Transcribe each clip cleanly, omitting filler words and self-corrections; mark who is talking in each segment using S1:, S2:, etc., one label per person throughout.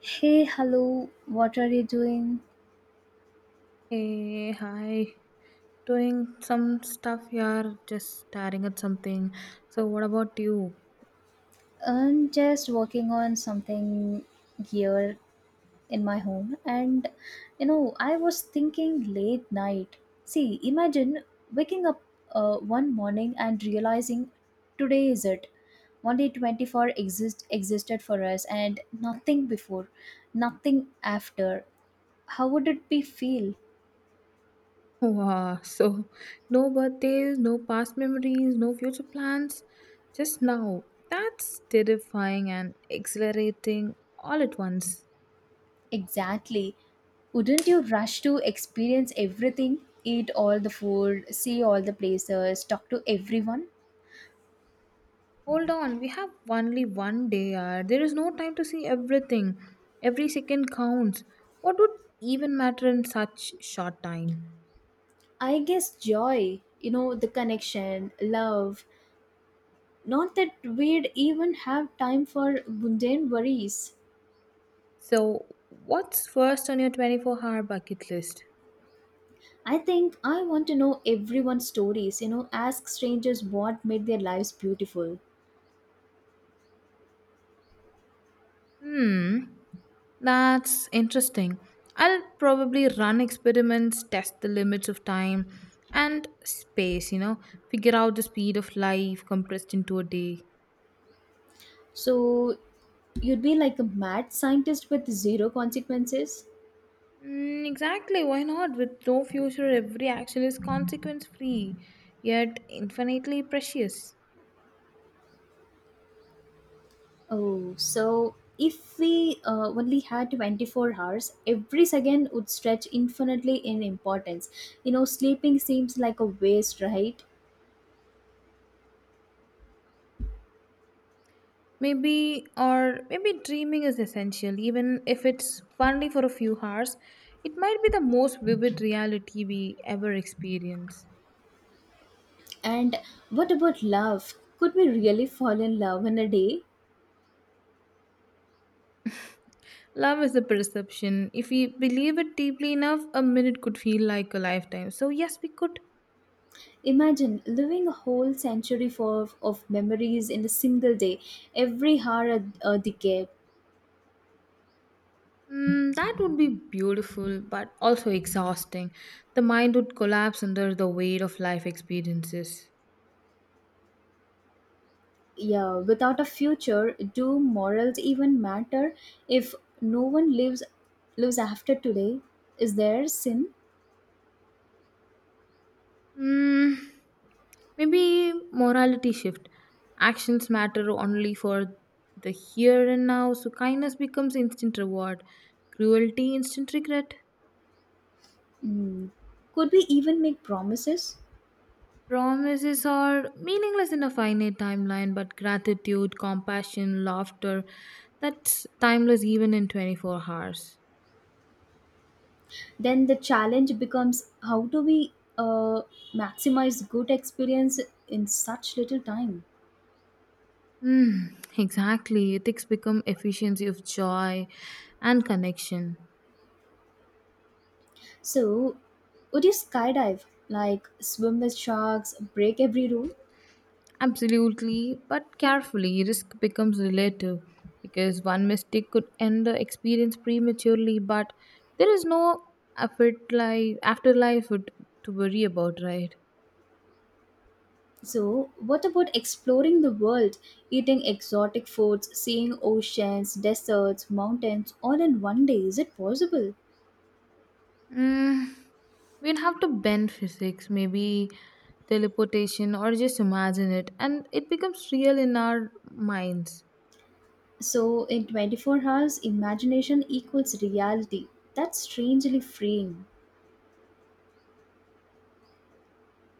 S1: Hey, hello, what are you doing?
S2: Hey, hi. Doing some stuff here, just staring at something. So, what about you?
S1: I'm just working on something here in my home, and I was thinking late night. See, imagine waking up one morning and realizing today is it. Only 24 existed for us, and nothing before, nothing after. How would it be feel?
S2: Wow, so no birthdays, no past memories, no future plans, just now. That's terrifying and exhilarating all at once.
S1: Exactly. Wouldn't you rush to experience everything? Eat all the food, see all the places, talk to everyone?
S2: Hold on, we have only one day, yaar. There is no time to see everything. Every second counts. What would even matter in such short time?
S1: I guess joy, the connection, love. Not that we'd even have time for mundane worries.
S2: So, what's first on your 24-hour bucket list?
S1: I think I want to know everyone's stories, ask strangers what made their lives beautiful.
S2: Hmm, that's interesting. I'll probably run experiments, test the limits of time and space, figure out the speed of life compressed into a day.
S1: So you'd be like a mad scientist with zero consequences?
S2: Mm, exactly, why not? With no future, every action is consequence free, yet infinitely precious.
S1: Oh, so if we only had 24 hours, every second would stretch infinitely in importance. Sleeping seems like a waste, right?
S2: Maybe, or maybe dreaming is essential, even if it's only for a few hours. It might be the most vivid reality we ever experience.
S1: And what about love? Could we really fall in love in a day?
S2: Love is a perception. If we believe it deeply enough, a minute could feel like a lifetime. So, yes, we could.
S1: Imagine living a whole century for, of memories in a single day, every hour a decade.
S2: Mm, that would be beautiful, but also exhausting. The mind would collapse under the weight of life experiences.
S1: Yeah, without a future, do morals even matter if no one lives after today? Is there sin?
S2: Mm, maybe morality shift. Actions matter only for the here and now, so kindness becomes instant reward, cruelty instant regret.
S1: Mm. Could we even make promises?
S2: Promises are meaningless in a finite timeline, but gratitude, compassion, laughter, that's timeless even in 24 hours.
S1: Then the challenge becomes how do we maximize good experience in such little time?
S2: Mm, exactly. Ethics become efficiency of joy and connection.
S1: So, would you skydive, like swim with sharks, break every rule?
S2: Absolutely, but carefully, risk becomes relative because one mistake could end the experience prematurely, but there is no effort like afterlife to worry about, right?
S1: So, what about exploring the world, eating exotic foods, seeing oceans, deserts, mountains, all in one day? Is it possible?
S2: Mm, we'd have to bend physics, maybe teleportation, or just imagine it, and it becomes real in our minds.
S1: So, in 24 hours, imagination equals reality. That's strangely freeing.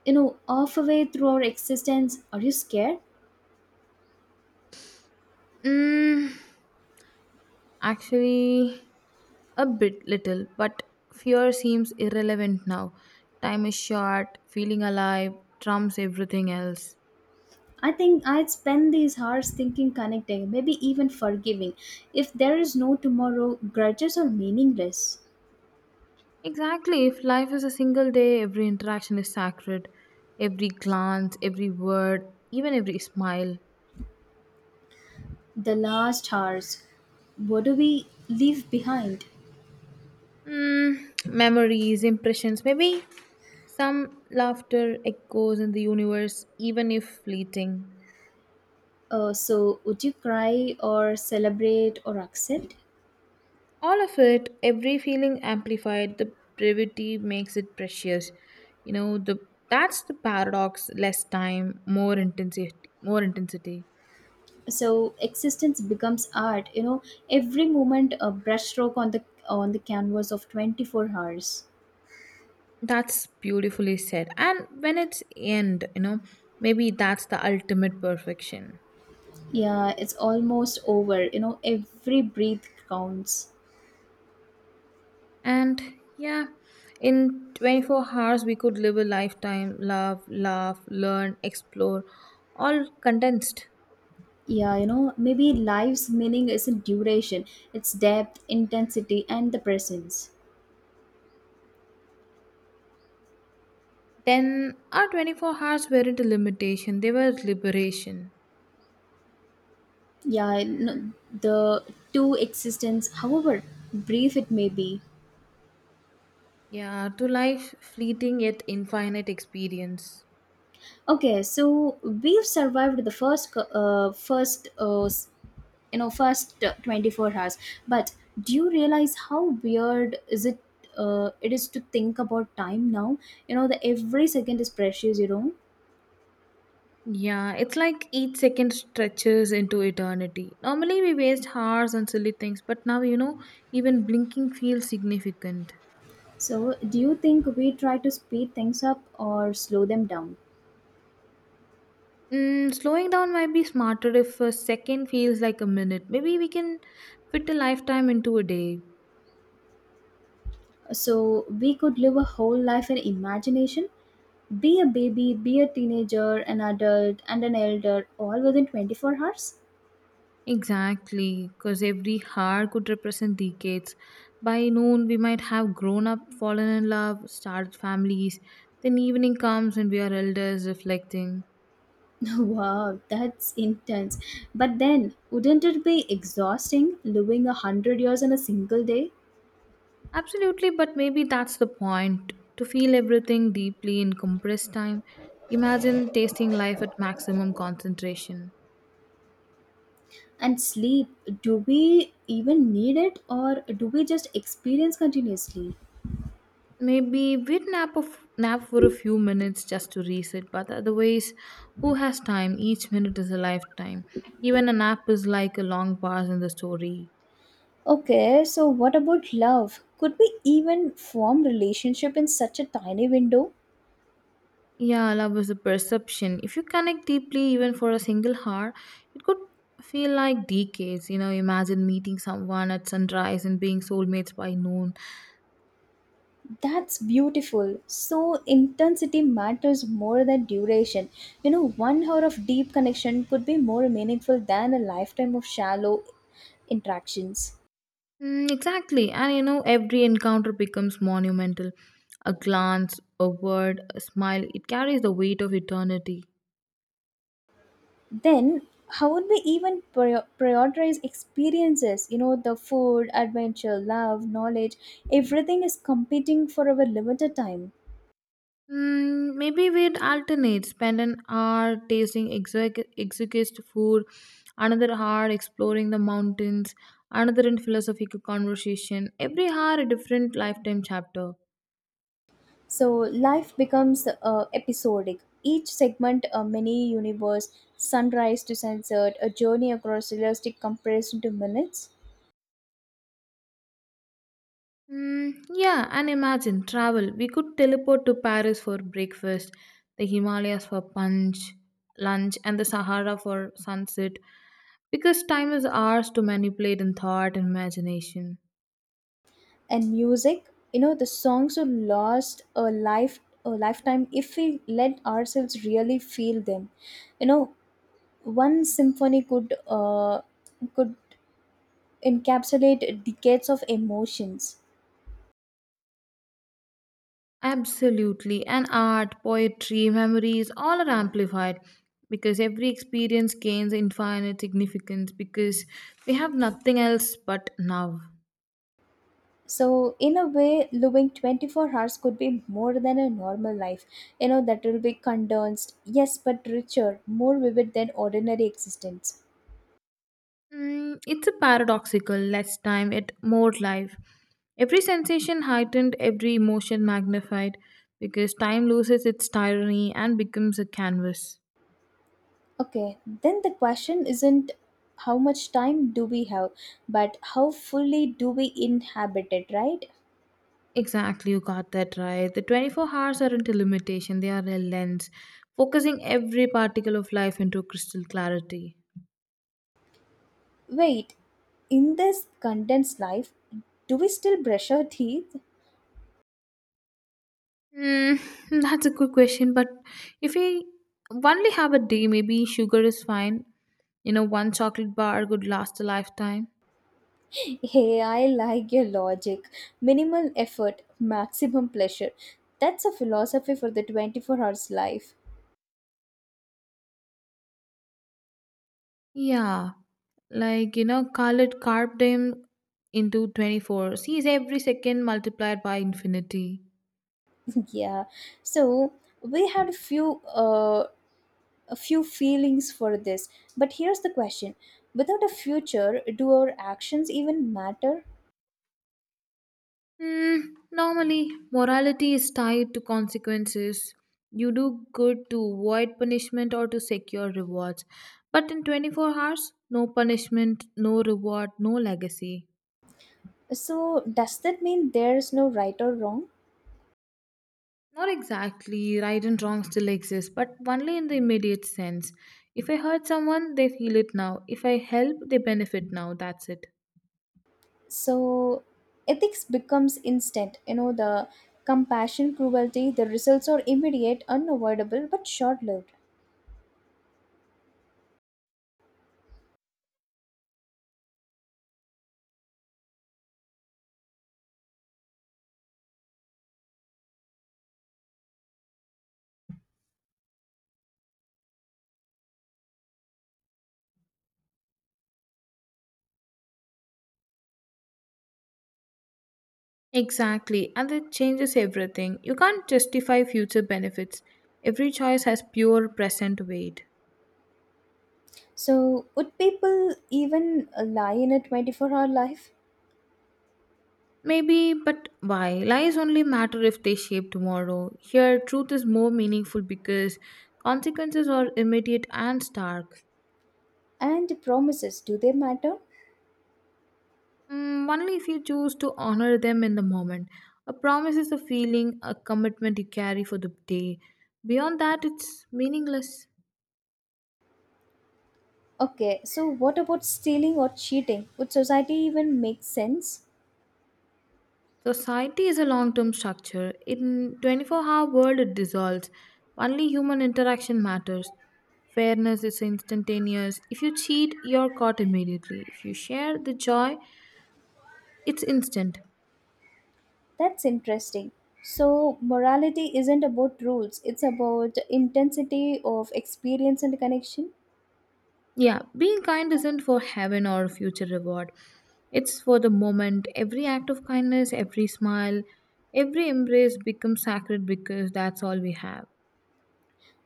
S1: Halfway through our existence, are you scared?
S2: Mm, actually, a bit little, but fear seems irrelevant now. Time is short, feeling alive trumps everything else.
S1: I think I'd spend these hours thinking, connecting, maybe even forgiving. If there is no tomorrow, grudges are meaningless.
S2: Exactly, if life is a single day, every interaction is sacred. Every glance, every word, even every smile.
S1: The last hours, what do we leave behind?
S2: Mm, memories, impressions, maybe some laughter echoes in the universe, even if fleeting.
S1: So would you cry or celebrate or accept?
S2: All of it, every feeling amplified, the brevity makes it precious. You know, the that's the paradox, less time, more intensity.
S1: So existence becomes art. Every moment, a brushstroke on the canvas of 24 hours.
S2: That's beautifully said. And when it's end, you know, maybe that's the ultimate perfection.
S1: Yeah, it's almost over. Every breath counts.
S2: And yeah, in 24 hours we could live a lifetime, love, laugh, learn, explore, all condensed.
S1: Yeah, maybe life's meaning isn't duration, it's depth, intensity, and the presence.
S2: Then our 24 hours weren't a limitation, they were liberation.
S1: Yeah, no, the two existence, however brief it may be.
S2: Yeah, to life, fleeting yet infinite experience.
S1: Okay, so we've survived the first 24 hours. But do you realize how weird is it it is to think about time now? The every second is precious.
S2: Yeah, it's like each second stretches into eternity. Normally, we waste hours on silly things, but now, even blinking feels significant.
S1: So, do you think we try to speed things up or slow them down?
S2: Mm, slowing down might be smarter if a second feels like a minute. Maybe we can fit a lifetime into a day.
S1: So, we could live a whole life in imagination, be a baby, be a teenager, an adult, and an elder all within 24 hours?
S2: Exactly, because every heart could represent decades. By noon, we might have grown up, fallen in love, started families. Then evening comes and we are elders reflecting.
S1: Wow, that's intense. But then, wouldn't it be exhausting living 100 years in a single day?
S2: Absolutely, but maybe that's the point to feel everything deeply in compressed time. Imagine tasting life at maximum concentration.
S1: And sleep, do we even need it or do we just experience continuously?
S2: Maybe we'd nap for a few minutes just to reset, but otherwise, who has time? Each minute is a lifetime. Even a nap is like a long pause in the story.
S1: Okay, so what about love? Could we even form relationship in such a tiny window?
S2: Yeah, love is a perception. If you connect deeply, even for a single hour, it could feel like decades. You know, imagine meeting someone at sunrise and being soulmates by noon.
S1: That's beautiful. So intensity matters more than duration. One hour of deep connection could be more meaningful than a lifetime of shallow interactions.
S2: Mm, exactly. And you know, every encounter becomes monumental. A glance, a word, a smile, it carries the weight of eternity.
S1: Then how would we even prioritize experiences. The food, adventure, love, knowledge, everything is competing for our limited time.
S2: Mm, maybe we'd alternate, spend an hour tasting exotic food, another hour exploring the mountains, another in philosophical conversation. Every hour a different lifetime chapter.
S1: So life becomes episodic, each segment a mini universe, sunrise to sunset, a journey across realistic comparison to minutes.
S2: Mm, yeah, and imagine travel. We could teleport to Paris for breakfast, the Himalayas for lunch, and the Sahara for sunset, because time is ours to manipulate in thought and imagination.
S1: And music, the songs would last a lifetime if we let ourselves really feel them. You know one symphony could encapsulate decades of emotions.
S2: Absolutely. And art, poetry, memories, all are amplified because every experience gains infinite significance because we have nothing else but now.
S1: So in a way, living 24 hours could be more than a normal life. That will be condensed, yes, but richer, more vivid than ordinary existence.
S2: Mm, it's a paradoxical, less time, yet more life. Every sensation heightened, every emotion magnified because time loses its tyranny and becomes a canvas.
S1: Okay, then the question isn't how much time do we have, but how fully do we inhabit it, right?
S2: Exactly, you got that right. The 24 hours aren't a limitation, they are a lens, focusing every particle of life into crystal clarity.
S1: Wait, in this condensed life, do we still brush our teeth?
S2: Hmm, that's a good question, but if we only have a day, maybe sugar is fine. You know, one chocolate bar could last a lifetime.
S1: Hey, I like your logic. Minimal effort, maximum pleasure. That's a philosophy for the 24 hours life.
S2: Yeah, like, you know, Khalid carved him into 24. Sees every second multiplied by infinity.
S1: Yeah. So, we had a few feelings for this. But here's the question. Without a future, do our actions even matter?
S2: Hmm. Normally, morality is tied to consequences. You do good to avoid punishment or to secure rewards. But in 24 hours, no punishment, no reward, no legacy.
S1: So, does that mean there's no right or wrong?
S2: Not exactly, right and wrong still exists, but only in the immediate sense. If I hurt someone, they feel it now. If I help, they benefit now. That's it.
S1: So, ethics becomes instant. The compassion, cruelty, the results are immediate, unavoidable, but short lived.
S2: Exactly, and it changes everything. You can't justify future benefits. Every choice has pure present weight.
S1: So, would people even lie in a 24-hour life?
S2: Maybe, but why? Lies only matter if they shape tomorrow. Here, truth is more meaningful because consequences are immediate and stark.
S1: And promises, do they matter?
S2: Mm, only if you choose to honor them in the moment. A promise is a feeling, a commitment you carry for the day. Beyond that, it's meaningless.
S1: Okay, so what about stealing or cheating? Would society even make sense?
S2: Society is a long term structure. In 24-hour world it dissolves. Only human interaction matters. Fairness is instantaneous. If you cheat, you're caught immediately. If you share the joy, it's instant.
S1: That's interesting. So, morality isn't about rules, it's about intensity of experience and connection
S2: Yeah, being kind isn't for heaven or future reward. It's for the moment. Every act of kindness, every smile, every embrace becomes sacred because that's all we have.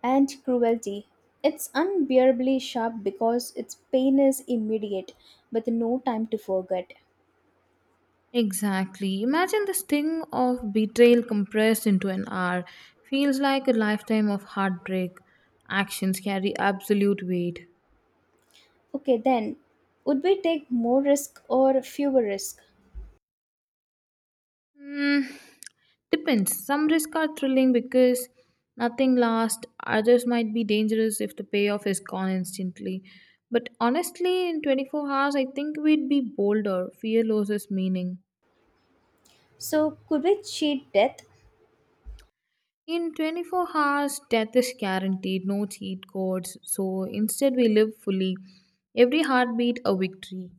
S1: and cruelty. It's unbearably sharp because its pain is immediate, with no time to forget.
S2: Exactly. Imagine the sting of betrayal compressed into an hour. Feels like a lifetime of heartbreak. Actions carry absolute weight.
S1: Okay, then, would we take more risk or fewer risk?
S2: Hmm. Depends. Some risks are thrilling because nothing lasts, others might be dangerous if the payoff is gone instantly. But honestly, in 24 hours, I think we'd be bolder. Fear loses meaning.
S1: So, could we cheat death?
S2: In 24 hours, death is guaranteed, no cheat codes. So instead, we live fully. Every heartbeat, a victory.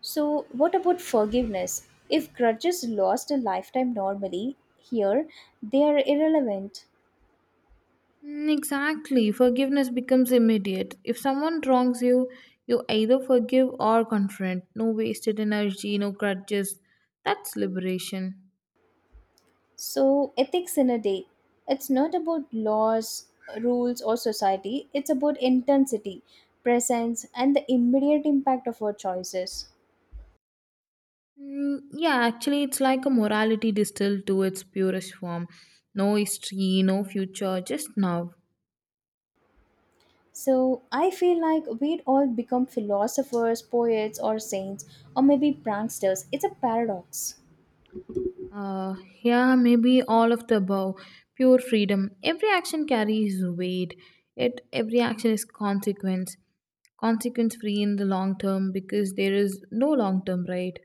S1: So, what about forgiveness? If grudges last a lifetime normally, here they are irrelevant.
S2: Mm, exactly. Forgiveness becomes immediate. If someone wrongs you, you either forgive or confront. No wasted energy, no grudges. That's liberation.
S1: So, ethics in a day. It's not about laws, rules, or society, it's about intensity, presence, and the immediate impact of our choices.
S2: Mm, yeah, actually, it's like a morality distilled to its purest form. No history, no future, just now.
S1: So, I feel like we'd all become philosophers, poets, or saints, or maybe pranksters. It's a paradox.
S2: Uh, yeah, maybe all of the above. Pure freedom. Every action carries weight. Yet every action is Consequence free in the long term because there is no long term, right?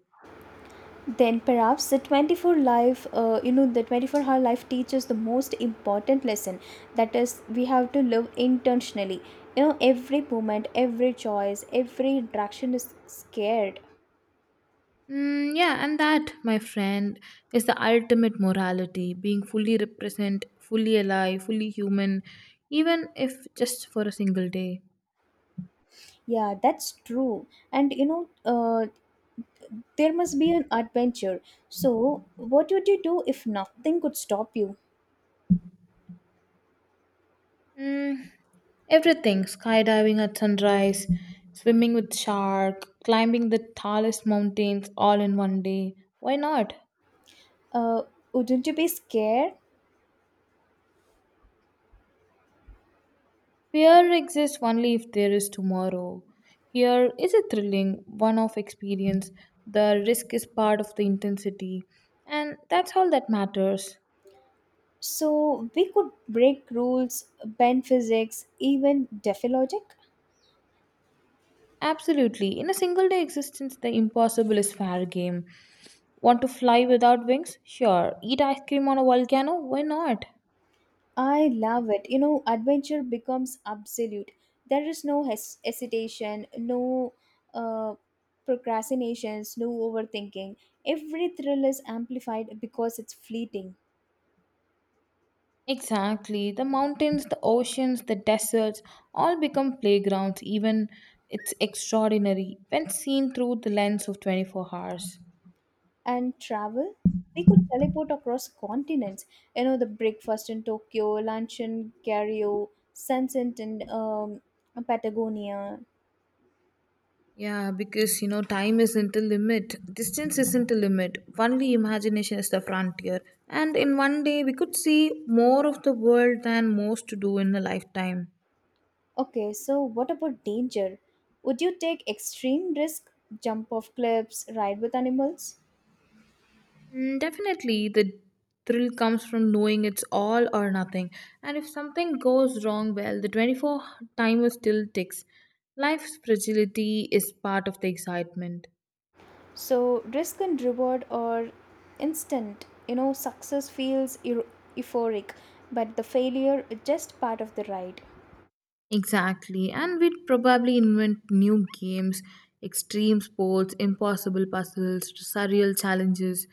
S1: Then perhaps the 24-hour life teaches the most important lesson. That is, we have to live intentionally. Every moment, every choice, every interaction is scared.
S2: Mm, yeah, and that, my friend, is the ultimate morality being fully represent, fully alive, fully human, even if just for a single day.
S1: Yeah, that's true. And, there must be an adventure. So what would you do if nothing could stop you?
S2: Mm, everything skydiving at sunrise, swimming with shark, climbing the tallest mountains all in one day. Why not?
S1: uh, wouldn't you be scared?
S2: Fear exists only if there is tomorrow. Here is a thrilling one off experience. The risk is part of the intensity, and that's all that matters.
S1: So we could break rules, bend physics, even defy logic.
S2: Absolutely. In a single day existence, the impossible is fair game. Want to fly without wings? Sure. Eat ice cream on a volcano? Why not?
S1: I love it. Adventure becomes absolute. There is no hesitation, no uh, procrastinations, no overthinking. Every thrill is amplified because it's fleeting.
S2: Exactly. The mountains, the oceans, the deserts all become playgrounds, even it's extraordinary when seen through the lens of 24 hours.
S1: And travel? We could teleport across continents. The breakfast in Tokyo, lunch in Cairo, sunset in Patagonia.
S2: Yeah, because you know, time isn't a limit, distance isn't a limit, only imagination is the frontier. And in one day, we could see more of the world than most do in a lifetime.
S1: Okay, so what about danger? Would you take extreme risk, jump off cliffs, ride with animals?
S2: Mm, definitely, the thrill comes from knowing it's all or nothing. And if something goes wrong, well, the 24 timer still ticks. Life's fragility is part of the excitement.
S1: So, risk and reward are instant. Success feels euphoric, but the failure is just part of the ride.
S2: Exactly, and we'd probably invent new games, extreme sports, impossible puzzles, surreal challenges,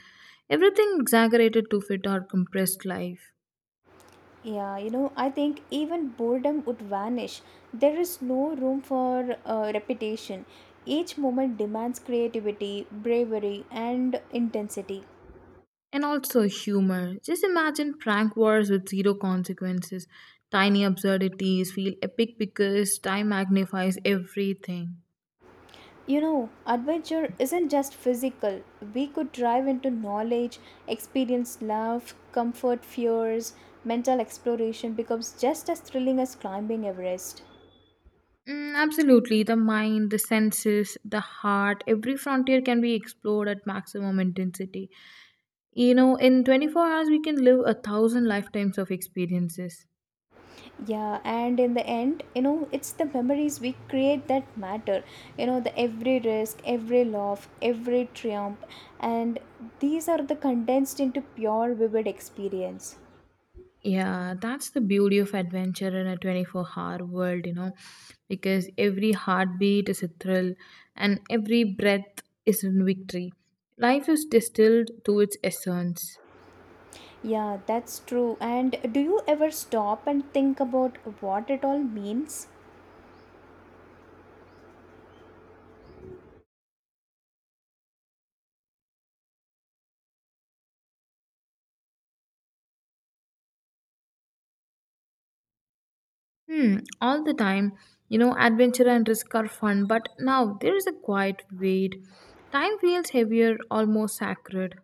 S2: everything exaggerated to fit our compressed life.
S1: Yeah, I think even boredom would vanish. There is no room for repetition. Each moment demands creativity, bravery, and intensity.
S2: And also humor. Just imagine prank wars with zero consequences. Tiny absurdities feel epic because time magnifies everything.
S1: Adventure isn't just physical. We could drive into knowledge, experience love, comfort fears, mental exploration becomes just as thrilling as climbing Everest.
S2: Mm, absolutely. The mind, the senses, the heart, every frontier can be explored at maximum intensity. You know, in 24 hours, we can live a thousand lifetimes of experiences.
S1: Yeah, and in the end, it's the memories we create that matter. The every risk, every laugh, every triumph, and these are the condensed into pure, vivid experience.
S2: Yeah, that's the beauty of adventure in a 24-hour world, you know, because every heartbeat is a thrill and every breath is a victory. Life is distilled to its essence.
S1: Yeah, that's true. And do you ever stop and think about what it all means?
S2: Hmm, all the time, you know, adventure and risk are fun, but now there is a quiet weight. Time feels heavier, almost sacred.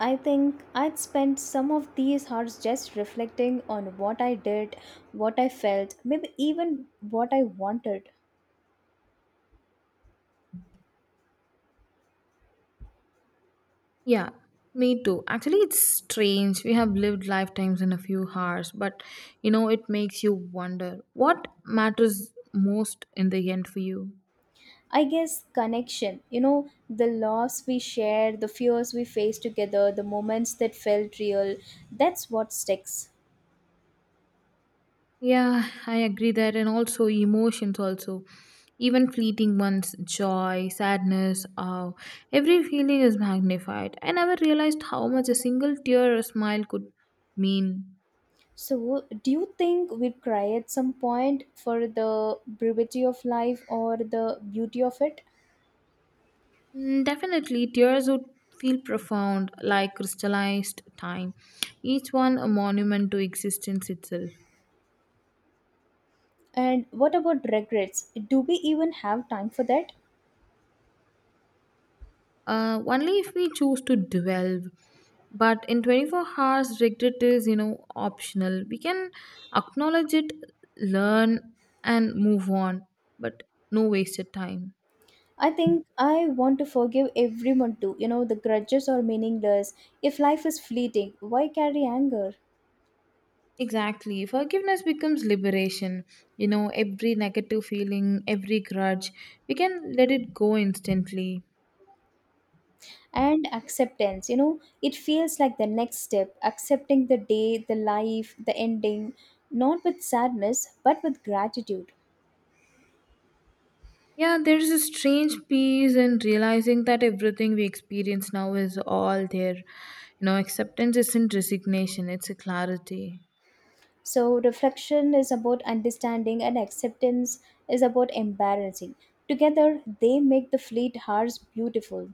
S1: I think I'd spent some of these hours just reflecting on what I did, what I felt, maybe even what I wanted.
S2: Yeah, me too. Actually, it's strange. We have lived lifetimes in a few hours, but you know, it makes you wonder what matters most in the end for you.
S1: I guess connection, the loss we shared, the fears we faced together, the moments that felt real, that's what sticks.
S2: Yeah, I agree that, and also emotions, also even fleeting ones, joy, sadness, awe, every feeling is magnified. I never realized how much a single tear or smile could mean.
S1: So, do you think we'd cry at some point for the brevity of life or the beauty of it?
S2: Mm, definitely, tears would feel profound, like crystallized time, each one a monument to existence itself.
S1: And what about regrets? Do we even have time for that?
S2: Only if we choose to dwell. But in 24 hours, regret is, you know, optional. We can acknowledge it, learn, and move on, but no wasted time.
S1: I think I want to forgive everyone too. The grudges are meaningless. If life is fleeting, why carry anger?
S2: Exactly. Forgiveness becomes liberation. You know, every negative feeling, every grudge, we can let it go instantly.
S1: And acceptance, it feels like the next step, accepting the day, the life, the ending, not with sadness, but with gratitude.
S2: Yeah, there's a strange peace in realizing that everything we experience now is all there. You know, acceptance isn't resignation, it's a clarity.
S1: So, reflection is about understanding, and acceptance is about embarrassing. Together, they make the fleet hours beautiful.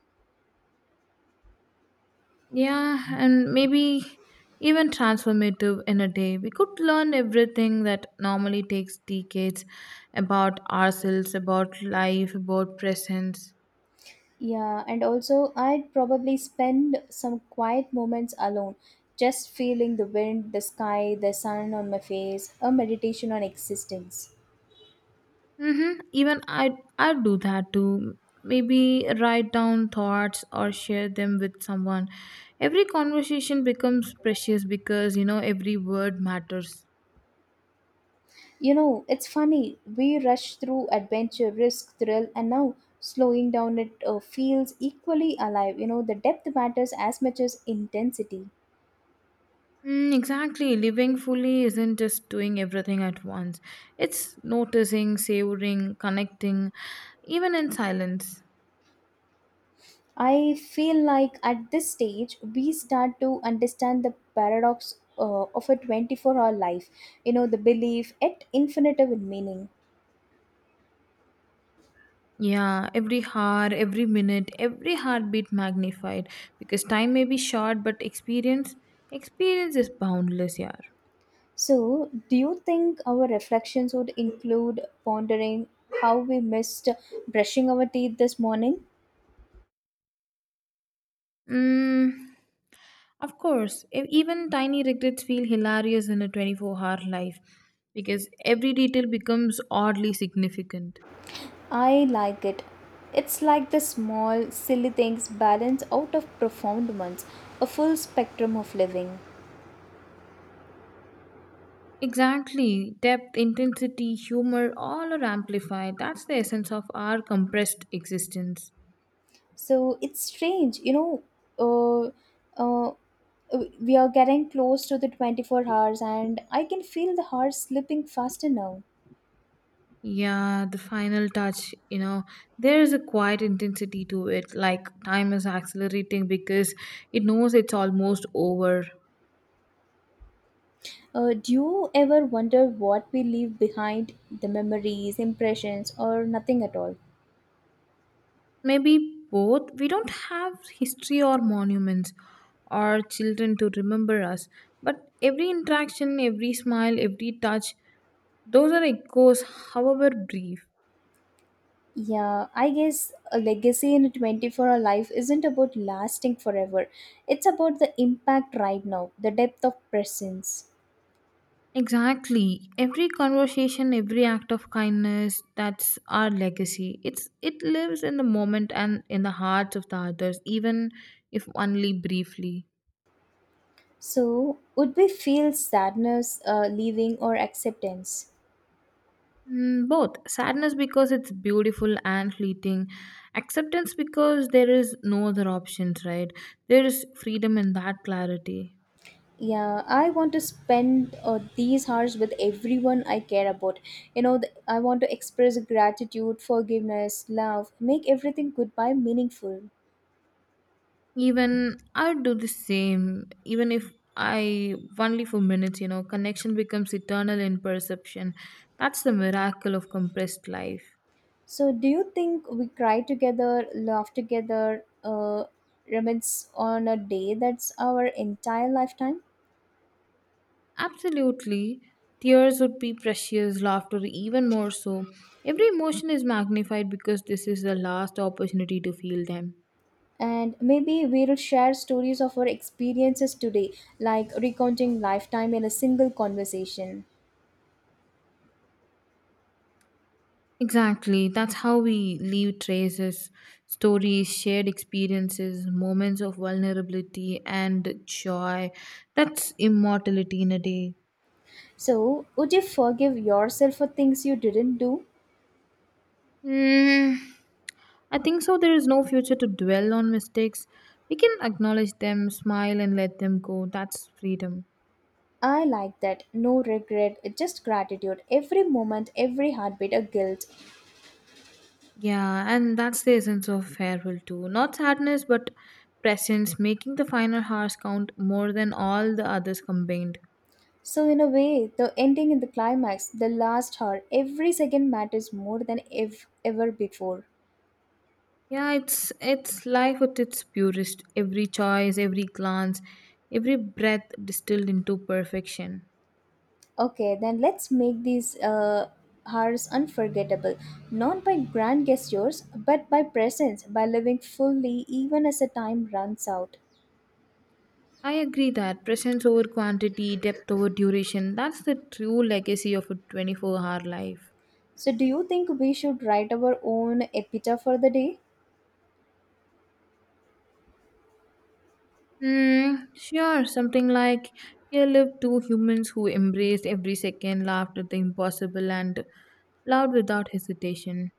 S2: Yeah, and maybe even transformative in a day. We could learn everything that normally takes decades about ourselves, about life, about presence.
S1: Yeah, and also I'd probably spend some quiet moments alone, just feeling the wind, the sky, the sun on my face, a meditation on existence.
S2: Mm-hmm. Even I do that too. Maybe write down thoughts or share them with someone. Every conversation becomes precious because you know every word matters.
S1: It's funny, we rush through adventure, risk, thrill, and now slowing down it feels equally alive. The depth matters as much as intensity.
S2: Mm, exactly. Living fully isn't just doing everything at once. It's noticing, savoring, connecting, even in silence.
S1: I feel like at this stage, we start to understand the paradox of a 24-hour life, the belief at infinitum in meaning.
S2: Yeah, every hour, every minute, every heartbeat magnified because time may be short, but experience is boundless, yeah.
S1: So, do you think our reflections would include pondering how we missed brushing our teeth this morning?
S2: Mm, of course, even tiny regrets feel hilarious in a 24-hour life because every detail becomes oddly significant.
S1: I like it. It's like the small, silly things balance out of profound ones, a full spectrum of living.
S2: Exactly. Depth, intensity, humor, all are amplified. That's the essence of our compressed existence.
S1: So it's strange. Uh, uh, we are getting close to the 24 hours, and I can feel the hours slipping faster now.
S2: Yeah, the final touch, you know, there is a quiet intensity to it, like time is accelerating because it knows it's almost over.
S1: Do you ever wonder what we leave behind, the memories, impressions, or nothing at all?
S2: Maybe both. We don't have history or monuments or children to remember us, but every interaction, every smile, every touch, those are echoes, however brief.
S1: Yeah, I guess a legacy in a 24-hour life isn't about lasting forever. It's about the impact right now, the depth of presence.
S2: Exactly, every conversation, every act of kindness, that's our legacy. It's it lives in the moment and in the hearts of the others, even if only briefly.
S1: So would we feel sadness leaving or acceptance?
S2: Mm, both sadness because it's beautiful and fleeting, acceptance because there is no other options, right? There is freedom in that clarity.
S1: Yeah, I want to spend these hours with everyone I care about. I want to express gratitude, forgiveness, love, make everything goodbye meaningful.
S2: Even I do the same, even if I only for minutes, you know, connection becomes eternal in perception. That's the miracle of compressed life.
S1: So, do you think we cry together, laugh together, reminisce on a day that's our entire lifetime?
S2: Absolutely, tears would be precious, laughter even more so. Every emotion is magnified because this is the last opportunity to feel them.
S1: And maybe we'll share stories of our experiences today, like recounting lifetime in a single conversation.
S2: Exactly. That's how we leave traces, stories, shared experiences, moments of vulnerability and joy. That's immortality in a day.
S1: So would you forgive yourself for things you didn't do?
S2: Mm, I think so. There is no future to dwell on mistakes. We can acknowledge them, smile, and let them go. That's freedom.
S1: I like that. No regret, just gratitude. Every moment, every heartbeat, a guilt.
S2: Yeah, and that's the essence of farewell too. Not sadness, but presence, making the final hours count more than all the others combined.
S1: So, in a way, the ending in the climax, the last hour, every second matters more than ever before.
S2: Yeah, it's life at its purest. Every choice, every glance, every breath distilled into perfection.
S1: Okay, then let's make these hours unforgettable. Not by grand gestures, but by presence, by living fully even as the time runs out.
S2: I agree that presence over quantity, depth over duration, that's the true legacy of a 24-hour life.
S1: So, do you think we should write our own epitaph for the day?
S2: Hmm, sure, something like here lived two humans who embraced every second, laughed at the impossible and loved without hesitation.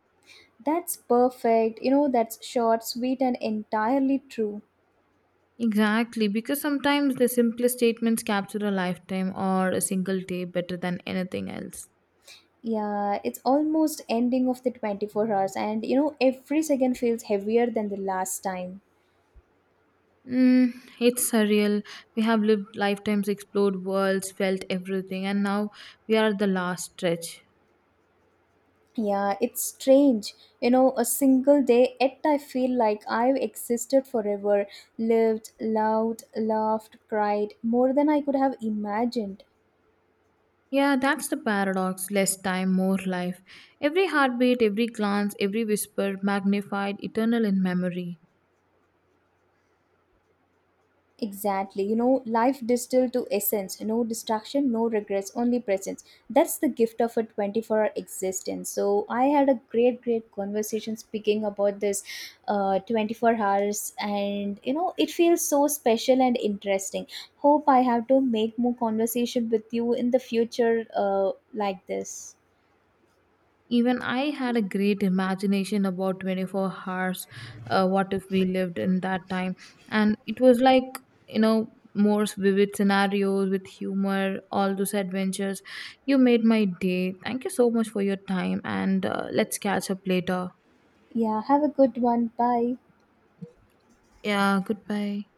S1: That's perfect. That's short, sweet, and entirely true.
S2: Exactly, because sometimes the simplest statements capture a lifetime or a single day better than anything else.
S1: Yeah, it's almost ending of the 24 hours, and every second feels heavier than the last time.
S2: Mm, it's surreal. We have lived lifetimes, explored worlds, felt everything, and now we are at the last stretch.
S1: Yeah, it's strange. A single day, yet I feel like I've existed forever, lived, loved, laughed, cried, more than I could have imagined.
S2: Yeah, that's the paradox less time, more life. Every heartbeat, every glance, every whisper, magnified, eternal in memory.
S1: Exactly. Life distilled to essence, no distraction, no regrets, only presence. That's the gift of a 24-hour existence. So, I had a great, great conversation speaking about this 24 hours, and it feels so special and interesting. Hope I have to make more conversation with you in the future like this.
S2: Even I had a great imagination about 24 hours. What if we lived in that time? And it was like, you know, more vivid scenarios with humor, all those adventures. You made my day. Thank you so much for your time. And let's catch up later.
S1: Yeah, have a good one. Bye.
S2: Yeah, goodbye.